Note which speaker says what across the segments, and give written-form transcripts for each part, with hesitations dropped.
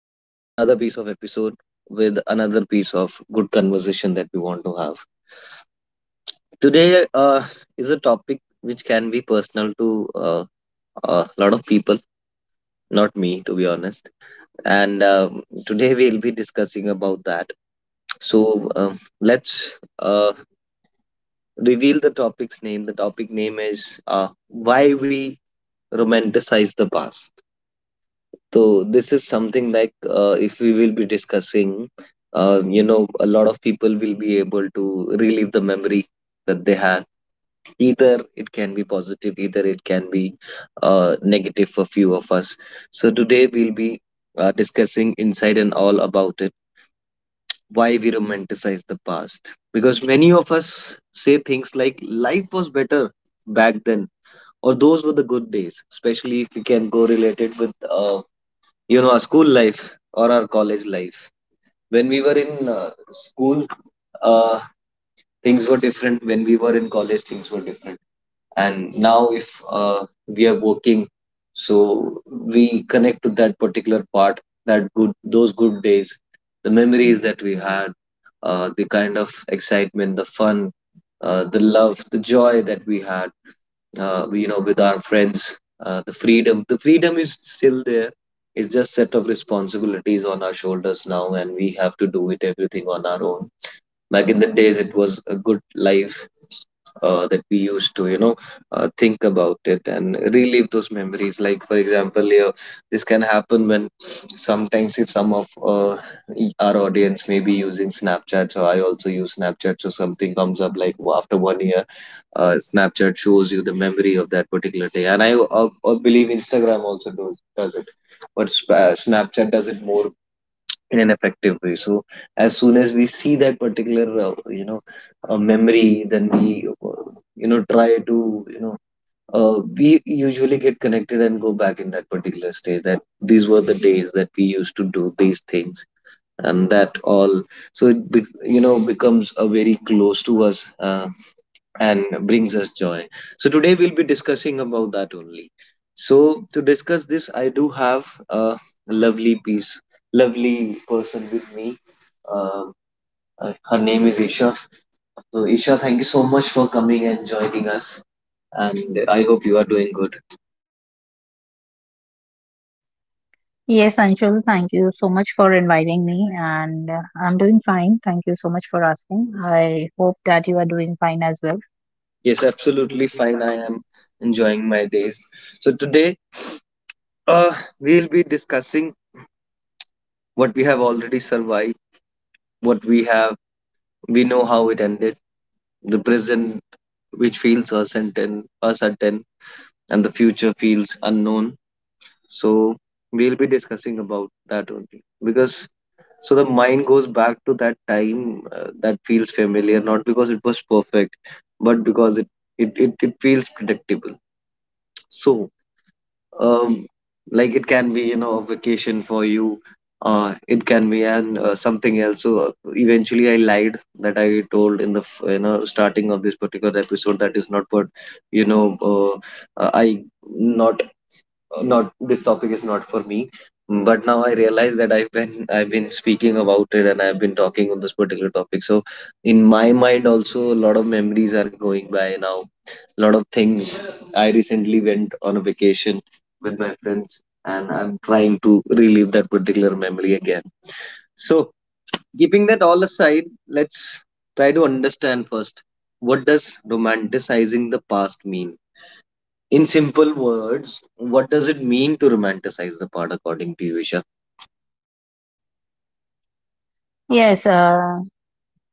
Speaker 1: another piece of good conversation that we want to have. Today is a topic which can be personal to a lot of people, not me, to be honest. And today we'll be discussing about that. So let's reveal the topic's name. The topic name is why we romanticize the past. So this is something like if we will be discussing, a lot of people will be able to relive the memory that they had. Either it can be positive, either it can be negative for few of us. So today we'll be discussing inside and all about it. Why we romanticize the past? Because many of us say things like life was better back then, or those were the good days, especially if we can correlate it with our school life or our college life. When we were in school, uh, things were different. When we were in college, things were different. And now if we are working, so we connect to that particular part, that good days, the memories that we had, the kind of excitement, the fun, the love, the joy that we had with our friends, the freedom, the freedom is still there. It's just set of responsibilities on our shoulders now, and we have to do it everything on our own. Back in the days it was a good life that we used to think about it and relive those memories. Like for example, yeah, this can happen when sometimes, if some of our audience may be using Snapchat. So I also use Snapchat, so something comes up like after 1 year, Snapchat shows you the memory of that particular day. And I believe Instagram also does it, but Snapchat does it more in an effective way. So as soon as we see that particular memory, then we you know try to you know we usually get connected and go back in that particular stage, that these were the days that we used to do these things and that all. So it be, you know becomes a very close to us, and brings us joy. So today we'll be discussing about that only. So to discuss this, I do have a lovely piece lovely person with me. um, Her name is Isha. So, Isha, thank you so much for coming and joining us. And I hope you are doing good.
Speaker 2: Yes, Anshul, thank you so much for inviting me, and I'm doing fine. Thank you so much for asking. I hope that you are doing fine as well.
Speaker 1: Yes, absolutely fine. I am enjoying my days. So, today uh, we'll be discussing what we have already survived, what we have, we know how it ended, the present which feels uncertain, and the future feels unknown. So we'll be discussing about that only because so the mind goes back to that time that feels familiar, not because it was perfect, but because it feels predictable. So um, like it can be you know a vacation for you. It can be and something else. So eventually, I lied that I told in the starting of this particular episode, that is not what you know I not not this topic is not for me. But now I realize that I've been speaking about it, and I've been talking on this particular topic. So in my mind also a lot of memories are going by now, a lot of things. I recently went on a vacation with my friends, and I'm trying to relive that particular memory again. So keeping that all aside, let's try to understand first, what does romanticizing the past mean? In simple words, what does it mean to romanticize the part according to you, Isha?
Speaker 2: Yes, uh,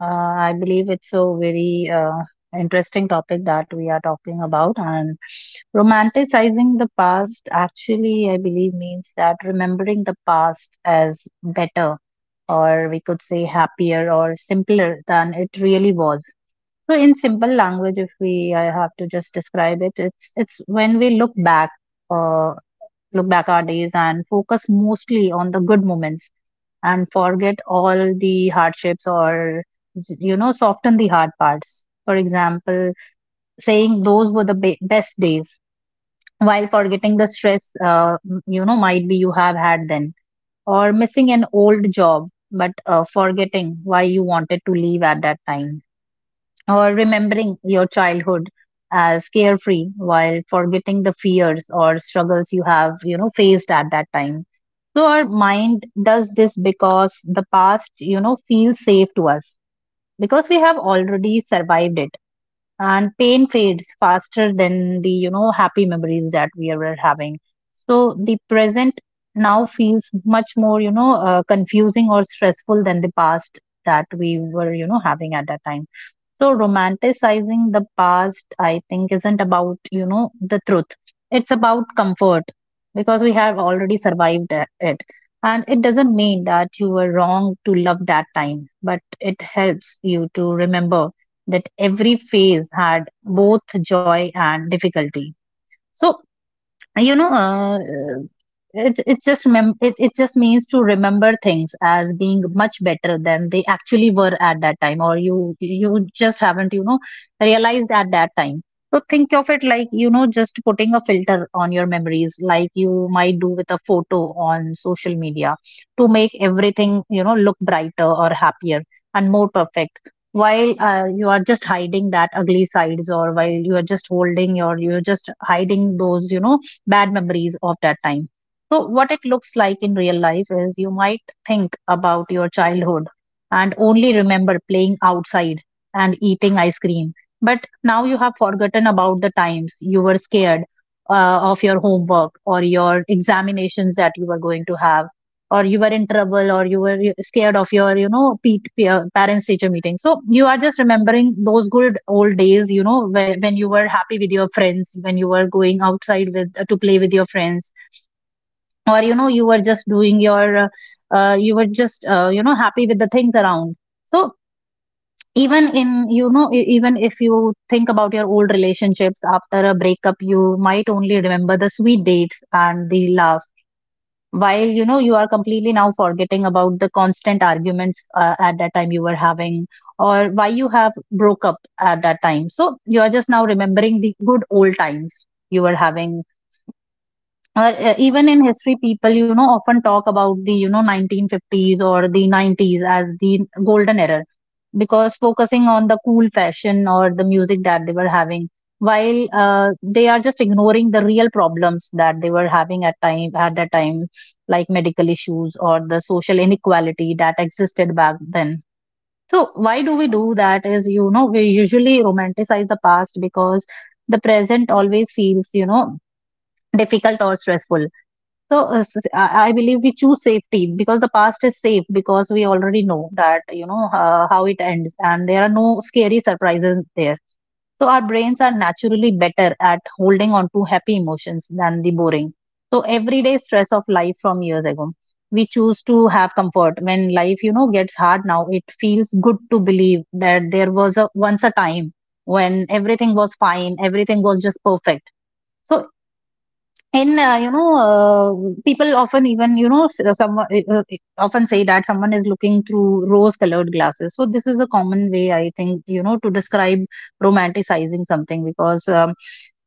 Speaker 2: uh, I believe it's a very interesting topic that we are talking about, and romanticizing the past actually, I believe, means that remembering the past as better, or we could say happier or simpler than it really was. So in simple language, if we I have to just describe it, it's when we look back, uh, our days and focus mostly on the good moments and forget all the hardships or soften the hard parts. For example, saying those were the best days while forgetting the stress, might be you have had then, or missing an old job but forgetting why you wanted to leave at that time, or remembering your childhood as carefree while forgetting the fears or struggles you have faced at that time. So our mind does this because the past feels safe to us, because we have already survived it, and pain fades faster than the happy memories that we were having. So the present now feels much more confusing or stressful than the past that we were having at that time. So romanticizing the past, I think, isn't about, the truth. It's about comfort because we have already survived it. And it doesn't mean that you were wrong to love that time, but it helps you to remember that every phase had both joy and difficulty. So you know uh, uh, it just means to remember things as being much better than they actually were at that time, or you just haven't realized at that time. So think of it like just putting a filter on your memories, like you might do with a photo on social media, to make everything look brighter or happier and more perfect, while you are just hiding that ugly sides, or while you are just holding or you're just hiding those bad memories of that time. So, what it looks like in real life is you might think about your childhood and only remember playing outside and eating ice cream. But now you have forgotten about the times you were scared of your homework or your examinations that you were going to have, or you were in trouble, or you were scared of your peer, parents teacher meeting. So you are just remembering those good old days, when you were happy with your friends, when you were going outside with to play with your friends, or you were just doing your you were just happy with the things around. So even in you know e- even if you think about your old relationships after a breakup, you might only remember the sweet dates and the laughs, while you are completely now forgetting about the constant arguments at that time you were having, or why you have broke up at that time. So you are just now remembering the good old times you were having. Or even in history, people often talk about the 1950s or the 90s as the golden era, because focusing on the cool fashion or the music that they were having, while they are just ignoring the real problems that they were having at that time, like medical issues or the social inequality that existed back then. So why do we do that is, we usually romanticize the past because the present always feels difficult or stressful. So I believe we choose safety because the past is safe, because we already know that, how it ends, and there are no scary surprises there. So our brains are naturally better at holding on to happy emotions than the boring. So everyday stress of life from years ago. We choose to have comfort when life gets hard now. It feels good to believe that there was a once a time when everything was fine, everything was just perfect. So in you know people often even someone uh, often say that someone is looking through rose colored glasses. So this is a common way I think, to describe romanticizing something, because um,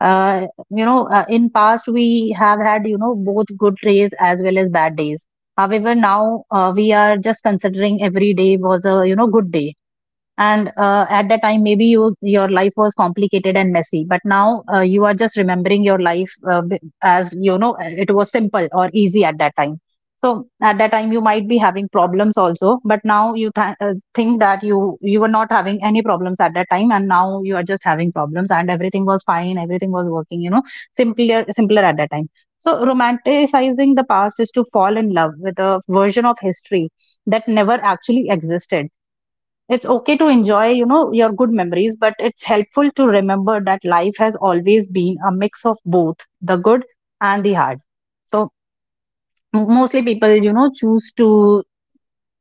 Speaker 2: uh, you know uh, in past we have had, both good days as well as bad days. However now we are just considering every day was a, good day. And at that time maybe your life was complicated and messy, but now you are just remembering your life as, it was simple or easy at that time. So at that time you might be having problems also, but now you think that you were not having any problems at that time, and now you are just having problems, and everything was fine, everything was working, simpler at that time. So romanticizing the past is to fall in love with a version of history that never actually existed. It's okay to enjoy, your good memories, but it's helpful to remember that life has always been a mix of both the good and the hard. So mostly people choose to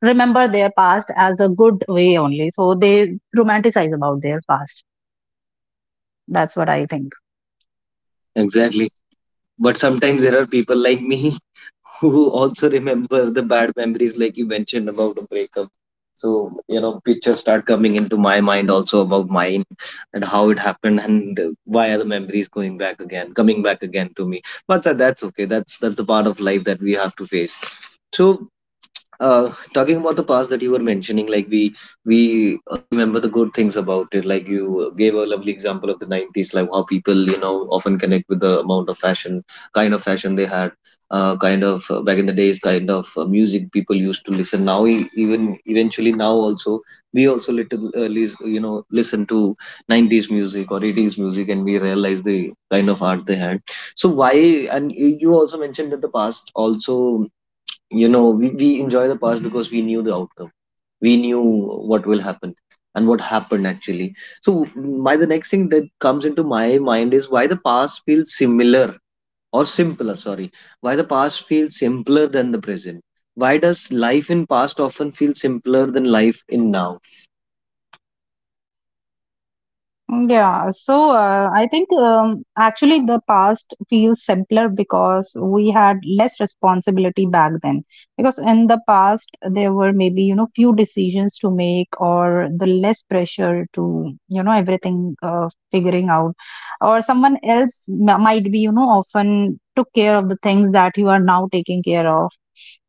Speaker 2: remember their past as a good way only, so they romanticize about their past. That's what I think.
Speaker 1: Exactly. But sometimes there are people like me who also remember the bad memories, like you mentioned about a breakup. So, you know, pictures start coming into my mind also about mine and how it happened, and why are the memories going back again, coming back again to me. But that, that's okay. That's the part of life that we have to face. So talking about the past that you were mentioning, like we remember the good things about it. Like you gave a lovely example of the 90s, like how people you know often connect with the amount of fashion kind of fashion they had, kind of back in the days, kind of music people used to listen. Now even eventually now also, we also little listen to 90s music or 80s music, and we realize the kind of art they had. So why, and you also mentioned that the past also, you know, we enjoy the past because we knew the outcome, we knew what will happen and what happened actually. So my the next thing that comes into my mind is why the past feels similar, or simpler sorry, why the past feels simpler than the present. Why does life in past often feel simpler than life in now?
Speaker 2: Yeah, so I think actually the past feels simpler because we had less responsibility back then. Because in the past there were maybe, few decisions to make, or the less pressure to, everything figuring out, or someone else might be, often took care of the things that you are now taking care of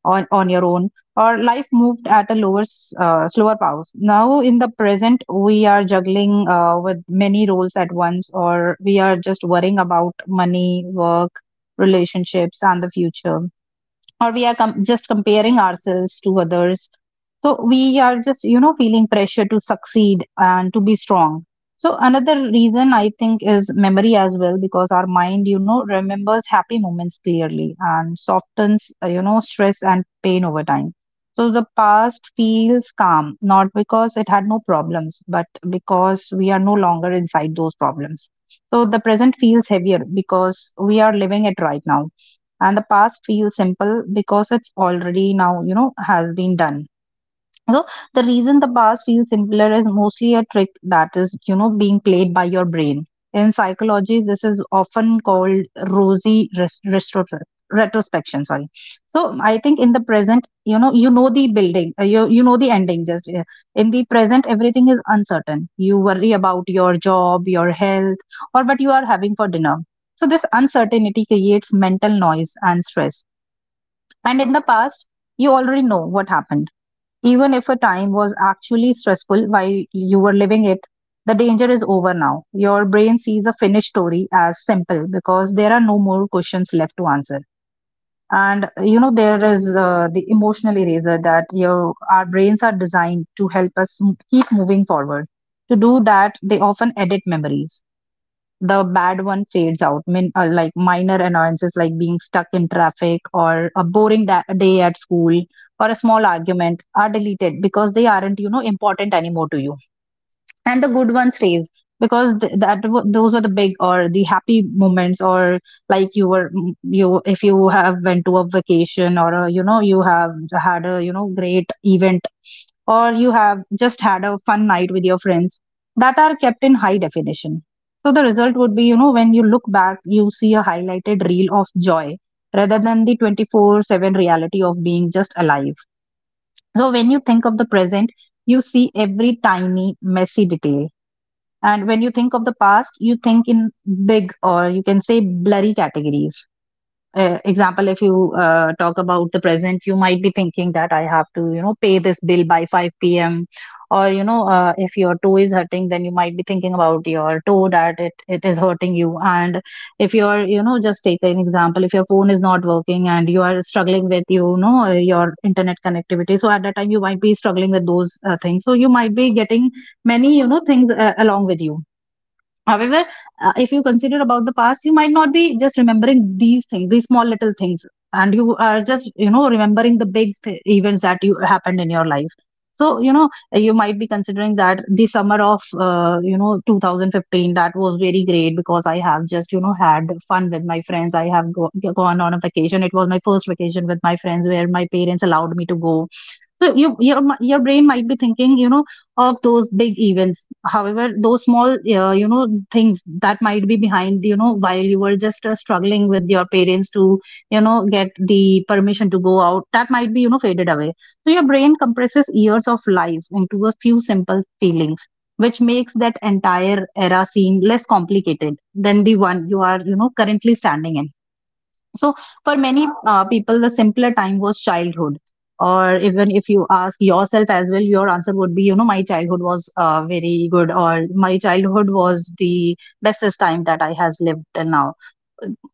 Speaker 2: on your own, or life moved at a slower pace. Now, in the present, we are juggling with many roles at once, or we are just worrying about money, work, relationships, and the future, or we are just comparing ourselves to others. So we are just, feeling pressure to succeed and to be strong. So another reason I think is memory as well, because our mind, remembers happy moments clearly and softens stress and pain over time. So the past feels calm, not because it had no problems, but because we are no longer inside those problems. So the present feels heavier because we are living it right now, and the past feels simple because it's already now, has been done. So the reason the past feels simpler is mostly a trick that is being played by your brain. In psychology, this is often called rosy retrospection. Sorry. So I think in the present, you know the building, you know the ending. Just in the present, everything is uncertain. You worry about your job, your health, or what you are having for dinner. So this uncertainty creates mental noise and stress. And in the past, you already know what happened. Even if a time was actually stressful while you were living it, the danger is over now. Your brain sees a finished story as simple because there are no more questions left to answer. And there is the emotional eraser, that our brains are designed to help us keep moving forward. To do that, they often edit memories. The bad one fades out. I mean, like minor annoyances, like being stuck in traffic or a boring day at school or a small argument, are deleted because they aren't, important anymore to you, and the good one stays, because those were the big or the happy moments, or like you were mm, you if you have went to a vacation, or a, you know you have had a great event, or you have just had a fun night with your friends, that are kept in high definition. So the result would be, when you look back you see a highlighted reel of joy rather than the 24/7 reality of being just alive. So when you think of the present, you see every tiny messy detail, and when you think of the past, you think in big, or you can say blurry categories. Example, if you talk about the present, you might be thinking that I have to, pay this bill by 5 p.m. Or, if your toe is hurting, then you might be thinking about your toe that it is hurting you. And if you're, just take an example, if your phone is not working and you are struggling with, your internet connectivity. So at that time, you might be struggling with those things. So you might be getting many things along with you. However, if you consider about the past, you might not be just remembering these things, these small little things, and you are just remembering the big events that you happened in your life. So you might be considering that the summer of 2015, that was very great because I have just had fun with my friends. I have gone on a vacation. It was my first vacation with my friends where my parents allowed me to go. So your brain might be thinking, of those big events. However, those small, things that might be behind, while you were just struggling with your parents to, get the permission to go out, that might be, faded away. So your brain compresses years of life into a few simple feelings, which makes that entire era seem less complicated than the one you are, currently standing in. So for many people, the simpler time was childhood. Or even if you ask yourself as well, your answer would be, my childhood was very good, or my childhood was the bestest time that I has lived till now.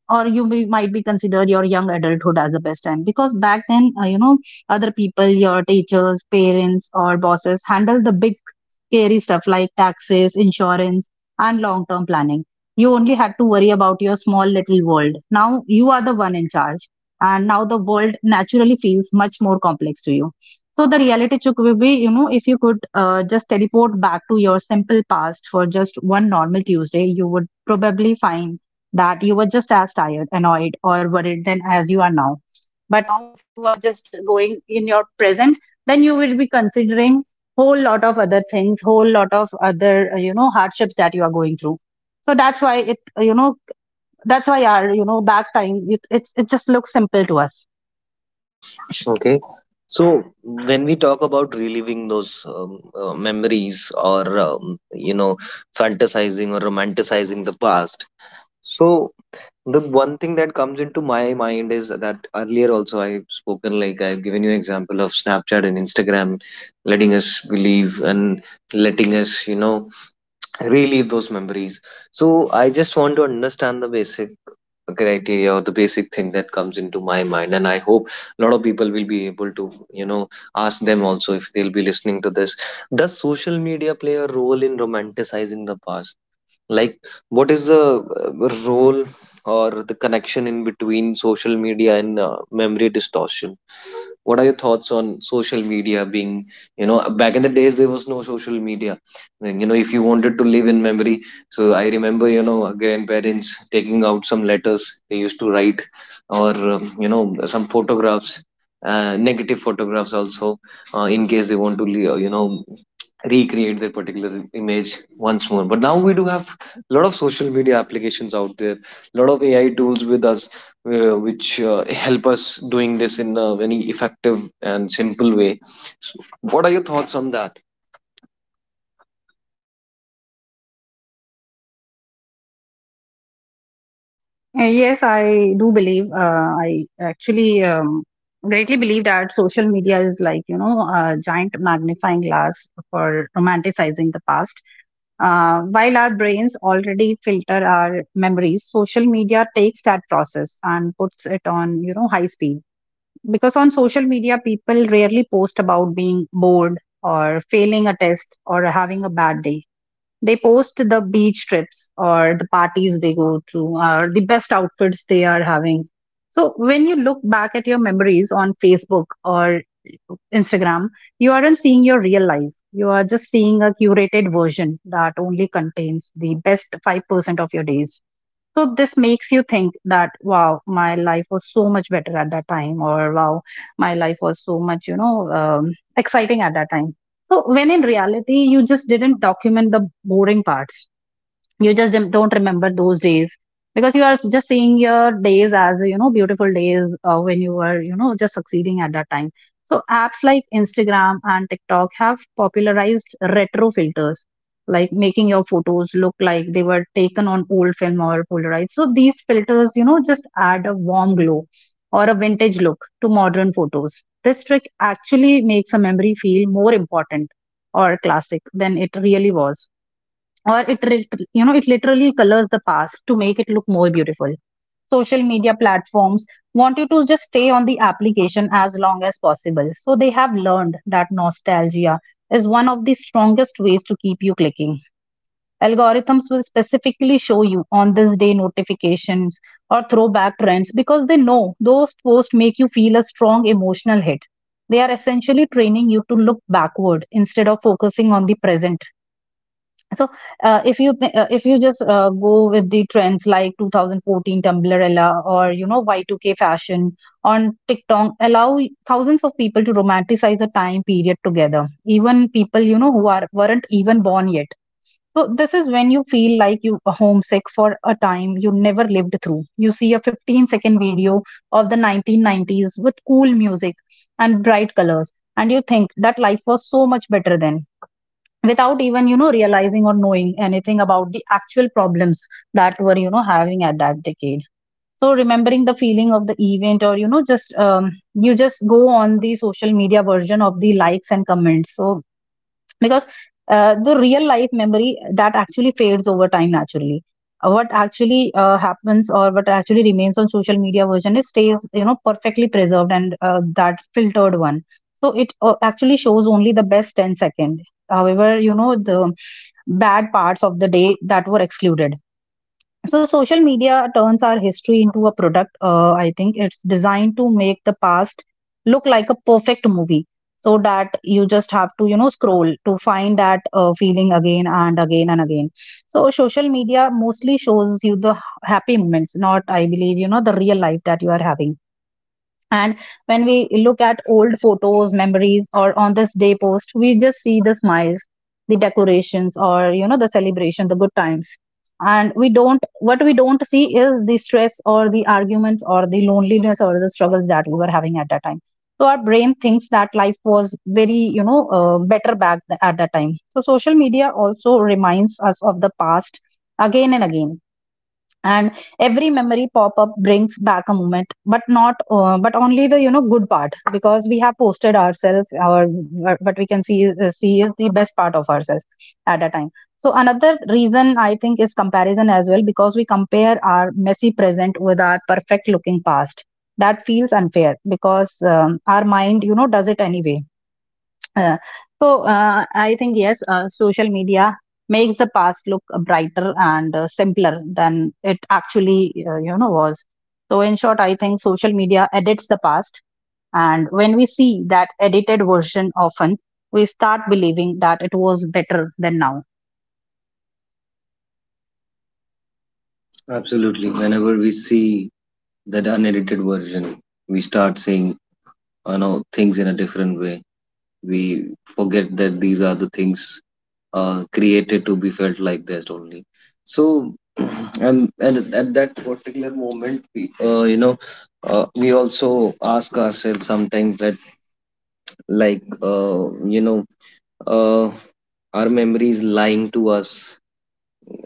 Speaker 2: Or you might be considered your young adulthood as the best time because back then, other people, your teachers, parents, or bosses handle the big scary stuff like taxes, insurance, and long term planning. You only had to worry about your small little world. Now you are the one in charge. And now the world naturally feels much more complex to you. So the reality check will be, if you could just teleport back to your simple past for just one normal Tuesday, you would probably find that you were just as tired, annoyed, or worried then as you are now. But now if you are just going in your present, then you will be considering whole lot of other things, whole lot of other hardships that you are going through. So that's why our back time it just looks simple to us.
Speaker 1: Okay, so when we talk about reliving those memories or fantasizing or romanticizing the past, so the one thing that comes into my mind is that earlier also I've spoken, like I've given you example of Snapchat and Instagram letting us believe and letting us, you know, relive those memories. So I just want to understand the basic criteria or the basic thing that comes into my mind, and I hope a lot of people will be able to you know ask them also if they'll be listening to this. Does social media play a role in romanticizing the past? Like, what is the role or the connection in between social media and memory distortion? What are your thoughts on social media being, you know, back in the days there was no social media. And, you know, if you wanted to live in memory, so I remember, you know, grandparents taking out some letters they used to write, or you know, some photographs, negative photographs also, in case they want to, recreate their particular image once more. But now we do have a lot of social media applications out there, a lot of AI tools with us, which help us doing this in a very effective and simple way. So what are your thoughts on that?
Speaker 2: Yes, I do believe. I actually greatly believe that social media is like, a giant magnifying glass for romanticizing the past. While our brains already filter our memories, social media takes that process and puts it on, high speed. Because on social media, people rarely post about being bored or failing a test or having a bad day. They post the beach trips or the parties they go to or the best outfits they are having. So when you look back at your memories on Facebook or Instagram, you aren't seeing your real life. You are just seeing a curated version that only contains the best 5% of your days. So this makes you think that wow, my life was so much better at that time, or wow, my life was so much exciting at that time. So when in reality, you just didn't document the boring parts. You just don't remember those days because you are just seeing your days as beautiful days when you were just succeeding at that time. So apps like Instagram and TikTok have popularized retro filters, like making your photos look like they were taken on old film or Polaroid. So these filters just add a warm glow or a vintage look to modern photos. This trick actually makes a memory feel more important or classic than it really was, or it literally colors the past to make it look more beautiful. Social media platforms want you to just stay on the application as long as possible, so they have learned that nostalgia is one of the strongest ways to keep you clicking. Algorithms will specifically show you on this day notifications or throwback trends because they know those posts make you feel a strong emotional hit. They are essentially training you to look backward instead of focusing on the present. So, if you just go with the trends like 2014 Tumblrella or Y2K fashion on TikTok, allow thousands of people to romanticize a time period together. Even people who are weren't even born yet. So this is when you feel like you are homesick for a time you never lived through. You see a 15-second video of the 1990s with cool music and bright colors, and you think that life was so much better then without even realizing or knowing anything about the actual problems that were having at that decade. So remembering the feeling of the event, or you just go on the social media version of the likes and comments. So because the real life memory that actually fades over time naturally. What actually happens, or what actually remains on social media version is stays perfectly preserved, and that filtered one. So it actually shows only the best 10 second. However, the bad parts of the day that were excluded. So, social media turns our history into a product. I think it's designed to make the past look like a perfect movie so that you just have to, scroll to find that feeling again and again and again. So, social media mostly shows you the happy moments, not, I believe, the real life that you are having. And when we look at old photos, memories, or on this day post, we just see the smiles, the decorations, or the celebration, the good times. And we don't, what we don't see is the stress or the arguments or the loneliness or the struggles that we were having at that time. So our brain thinks that life was very, better at that time. So social media also reminds us of the past again and again. And every memory pop up brings back a moment, but not but only the good part, because we have posted ourselves, or what we can see is the best part of ourselves at a time. So another reason I think is comparison as well, because we compare our messy present with our perfect looking past. That feels unfair because our mind does it anyway. uh, I think yes, social media makes the past look brighter and simpler than it actually was. So in short, I think social media edits the past, and when we see that edited version often, we start believing that it was better than now.
Speaker 1: Absolutely. Whenever we see that unedited version, we start seeing, you know, things in a different way. We forget that these are the things created to be felt like that only. So and and at that particular moment we uh, you know we also ask ourselves sometimes that, like, uh, you know uh, our memory is lying to us,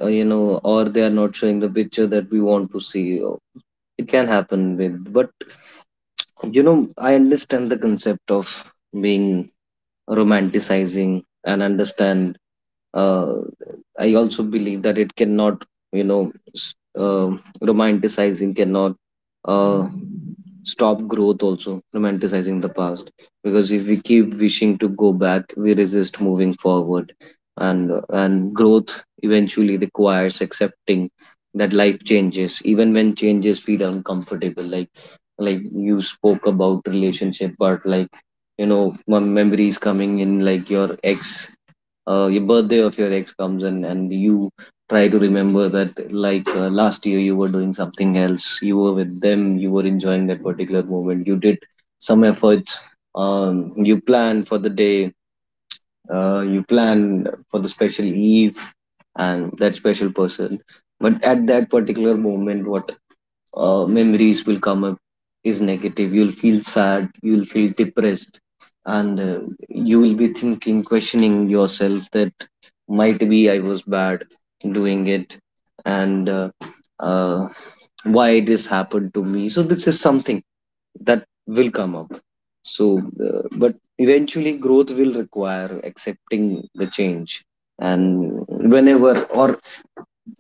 Speaker 1: uh, you know or they are not showing the picture that we want to see. It can happen with, but you know, I understand the concept of being romanticizing, and understand uh, I also believe that it cannot you know s- uh, romanticizing cannot uh, stop growth also. Romanticizing the past, because if we keep wishing to go back, we resist moving forward. And growth eventually requires accepting that life changes, even when changes feel uncomfortable. Like you spoke about relationship. But like, you know, one memory is coming in, like your ex, your birthday of your ex comes in, and you try to remember that, like last year you were doing something else, you were with them, you were enjoying that particular moment, you did some efforts, you plan for the day, you plan for the special eve and that special person. But at that particular moment, what memories will come up is negative. You'll feel sad, you'll feel depressed, and you will be thinking, questioning yourself, that might be I was bad doing it, and uh, why this happened to me. So this is something that will come up. So but eventually growth will require accepting the change. And whenever, or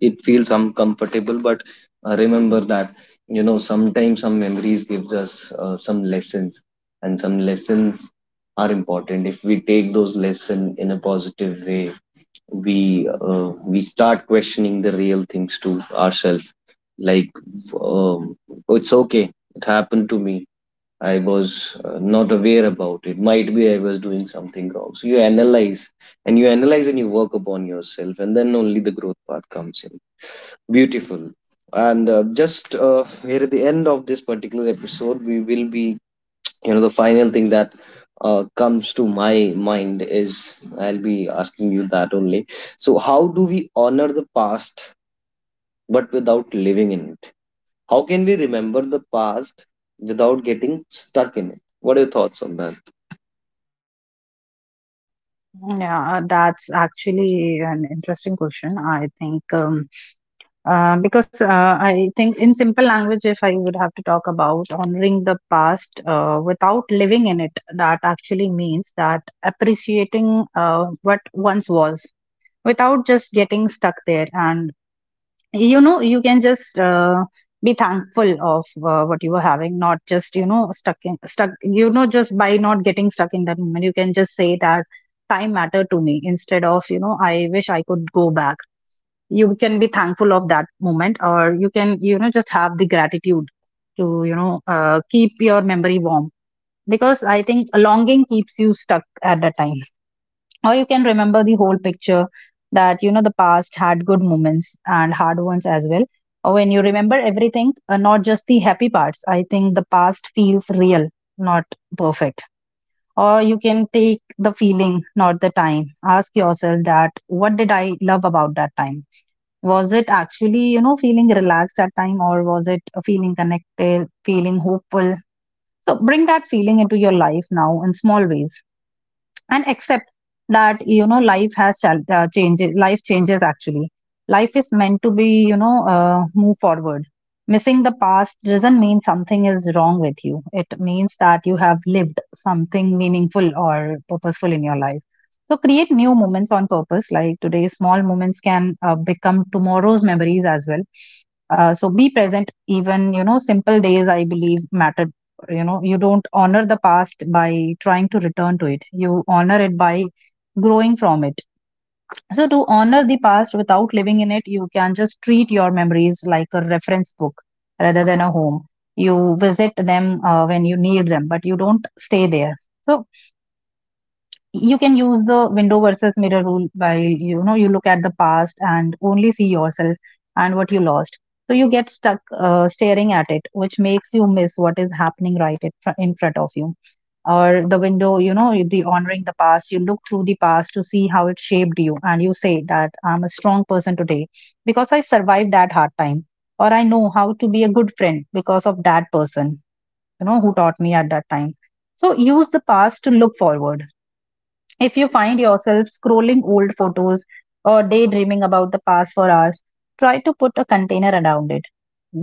Speaker 1: it feels uncomfortable, but remember that you know sometimes some memories gives us some lessons. And some lessons are important. If we take those lesson in a positive way, we start questioning the real things to ourselves. Like, um, it's okay, it happened to me. I was not aware about it. Might be I was doing something wrong. So you analyze, and you analyze and you work upon yourself, and then only the growth path comes in. Beautiful. And just here at the end of this particular episode, we will be, you know, the final thing that comes to my mind is I'll be asking you that only. So, how do we honor the past but without living in it? How can we remember the past without getting stuck in it? What are your thoughts on that?
Speaker 2: Yeah, that's actually an interesting question. I think. Because I think, in simple language, if I would have to talk about honoring the past without living in it, that actually means that appreciating what once was without just getting stuck there. And you can just be thankful of what you were having, not just stuck in stuck. You know, just by not getting stuck in that moment, you can just say that time mattered to me instead of I wish I could go back. You can be thankful of that moment, or you can just have the gratitude to keep your memory warm, because I think longing keeps you stuck at that time. Or you can remember the whole picture, that the past had good moments and hard ones as well. Or when you remember everything not just the happy parts, I think the past feels real, not perfect. Or you can take the feeling, not the time. Ask yourself that what did I love about that time. Was it actually, feeling relaxed that time, or was it feeling connected, feeling hopeful? So bring that feeling into your life now in small ways and accept that, you know, life has changes. Life changes actually. Life is meant to be move forward. Missing the past doesn't mean something is wrong with you. It means that you have lived something meaningful or purposeful in your life. So create new moments on purpose, like today's small moments can become tomorrow's memories as well. So be present. Even, you know, simple days I believe matter. You know, you don't honor the past by trying to return to it. You honor it by growing from it. So to honor the past without living in it, you can just treat your memories like a reference book rather than a home. You visit them when you need them, but you don't stay there. So you can use the window versus mirror rule by, you know, you look at the past and only see yourself and what you lost. So you get stuck staring at it, which makes you miss what is happening right in front of you. Or the window, you know, the honoring the past. You look through the past to see how it shaped you, and you say that I'm a strong person today because I survived that hard time, or I know how to be a good friend because of that person, you know, who taught me at that time. So use the past to look forward. If you find yourself scrolling old photos or daydreaming about the past for hours, try to put a container around it.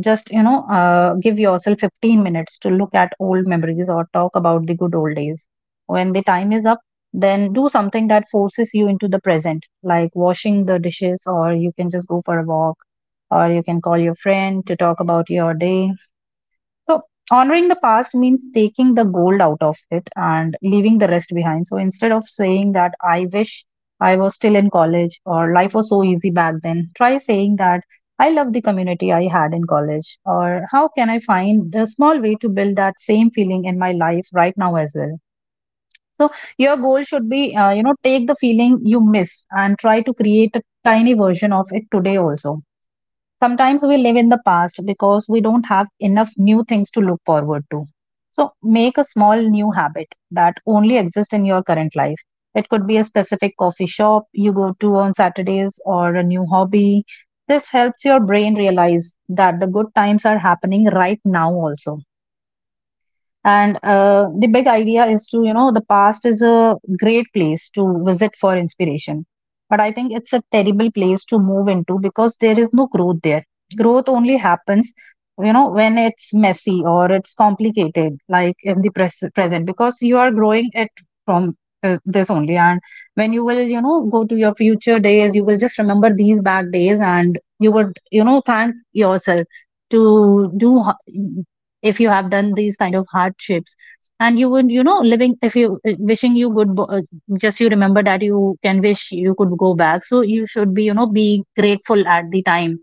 Speaker 2: Give yourself 15 minutes to look at old memories or talk about the good old days. When the time is up, then do something that forces you into the present, like washing the dishes, or you can just go for a walk, or you can call your friend to talk about your day. So honoring the past means taking the gold out of it and leaving the rest behind. So instead of saying that I wish I was still in college or life was so easy back then, try saying that I love the community I had in college, or how can I find the small way to build that same feeling in my life right now as well. So your goal should be, you know, take the feeling you miss and try to create a tiny version of it today also. Sometimes we live in the past because we don't have enough new things to look forward to. So make a small new habit that only exists in your current life. It could be a specific coffee shop you go to on Saturdays or a new hobby. This helps your brain realize that the good times are happening right now also. And uh, the big idea is to, you know, the past is a great place to visit for inspiration, but I think it's a terrible place to move into because there is no growth there. Growth only happens, you know, when it's messy or it's complicated, like in the present, because you are growing it from this only. And when you will, you know, go to your future days, you will just remember these back days and you would, you know, thank yourself to do h- if you have done these kind of hardships. And you would, you know, living if you wishing you would just you remember that you can wish you could go back, so you should be, you know, be grateful at the time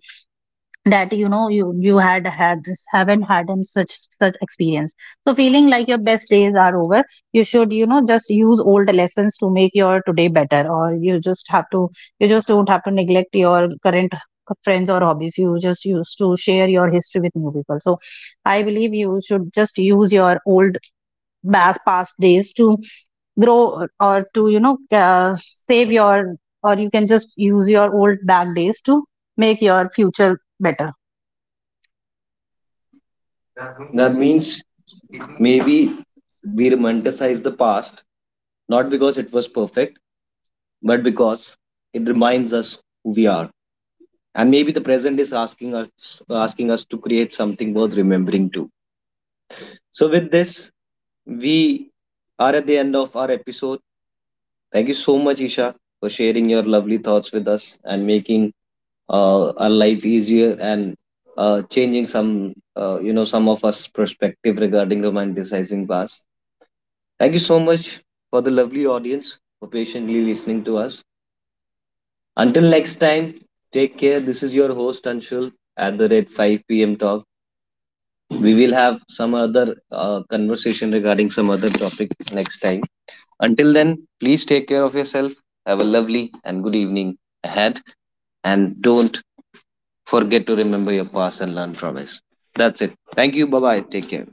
Speaker 2: that, you know, you had just haven't had in such such experience. So feeling like your best days are over, you should, you know, just use old lessons to make your today better, or you just have to, you just don't have to neglect your current friends or hobbies. You just used to share your history with new people. So I believe you should just use your old past days to grow or to, you know, save your, or you can just use your old back days to make your future better.
Speaker 1: That means maybe we romanticize the past not because it was perfect, but because it reminds us who we are. And maybe the present is asking us to create something worth remembering too. So with this, we are at the end of our episode. Thank you so much, Isha, for sharing your lovely thoughts with us and making our life easier, and changing some some of us perspective regarding romanticizing past. Thank you so much for the lovely audience for patiently listening to us. Until next time, take care. This is your host Anshul at the rate 5 p.m talk. We will have some other conversation regarding some other topic next time. Until then, please take care of yourself. Have a lovely and good evening ahead. And don't forget to remember your past and learn from it. That's it. Thank you. Bye bye. Take care.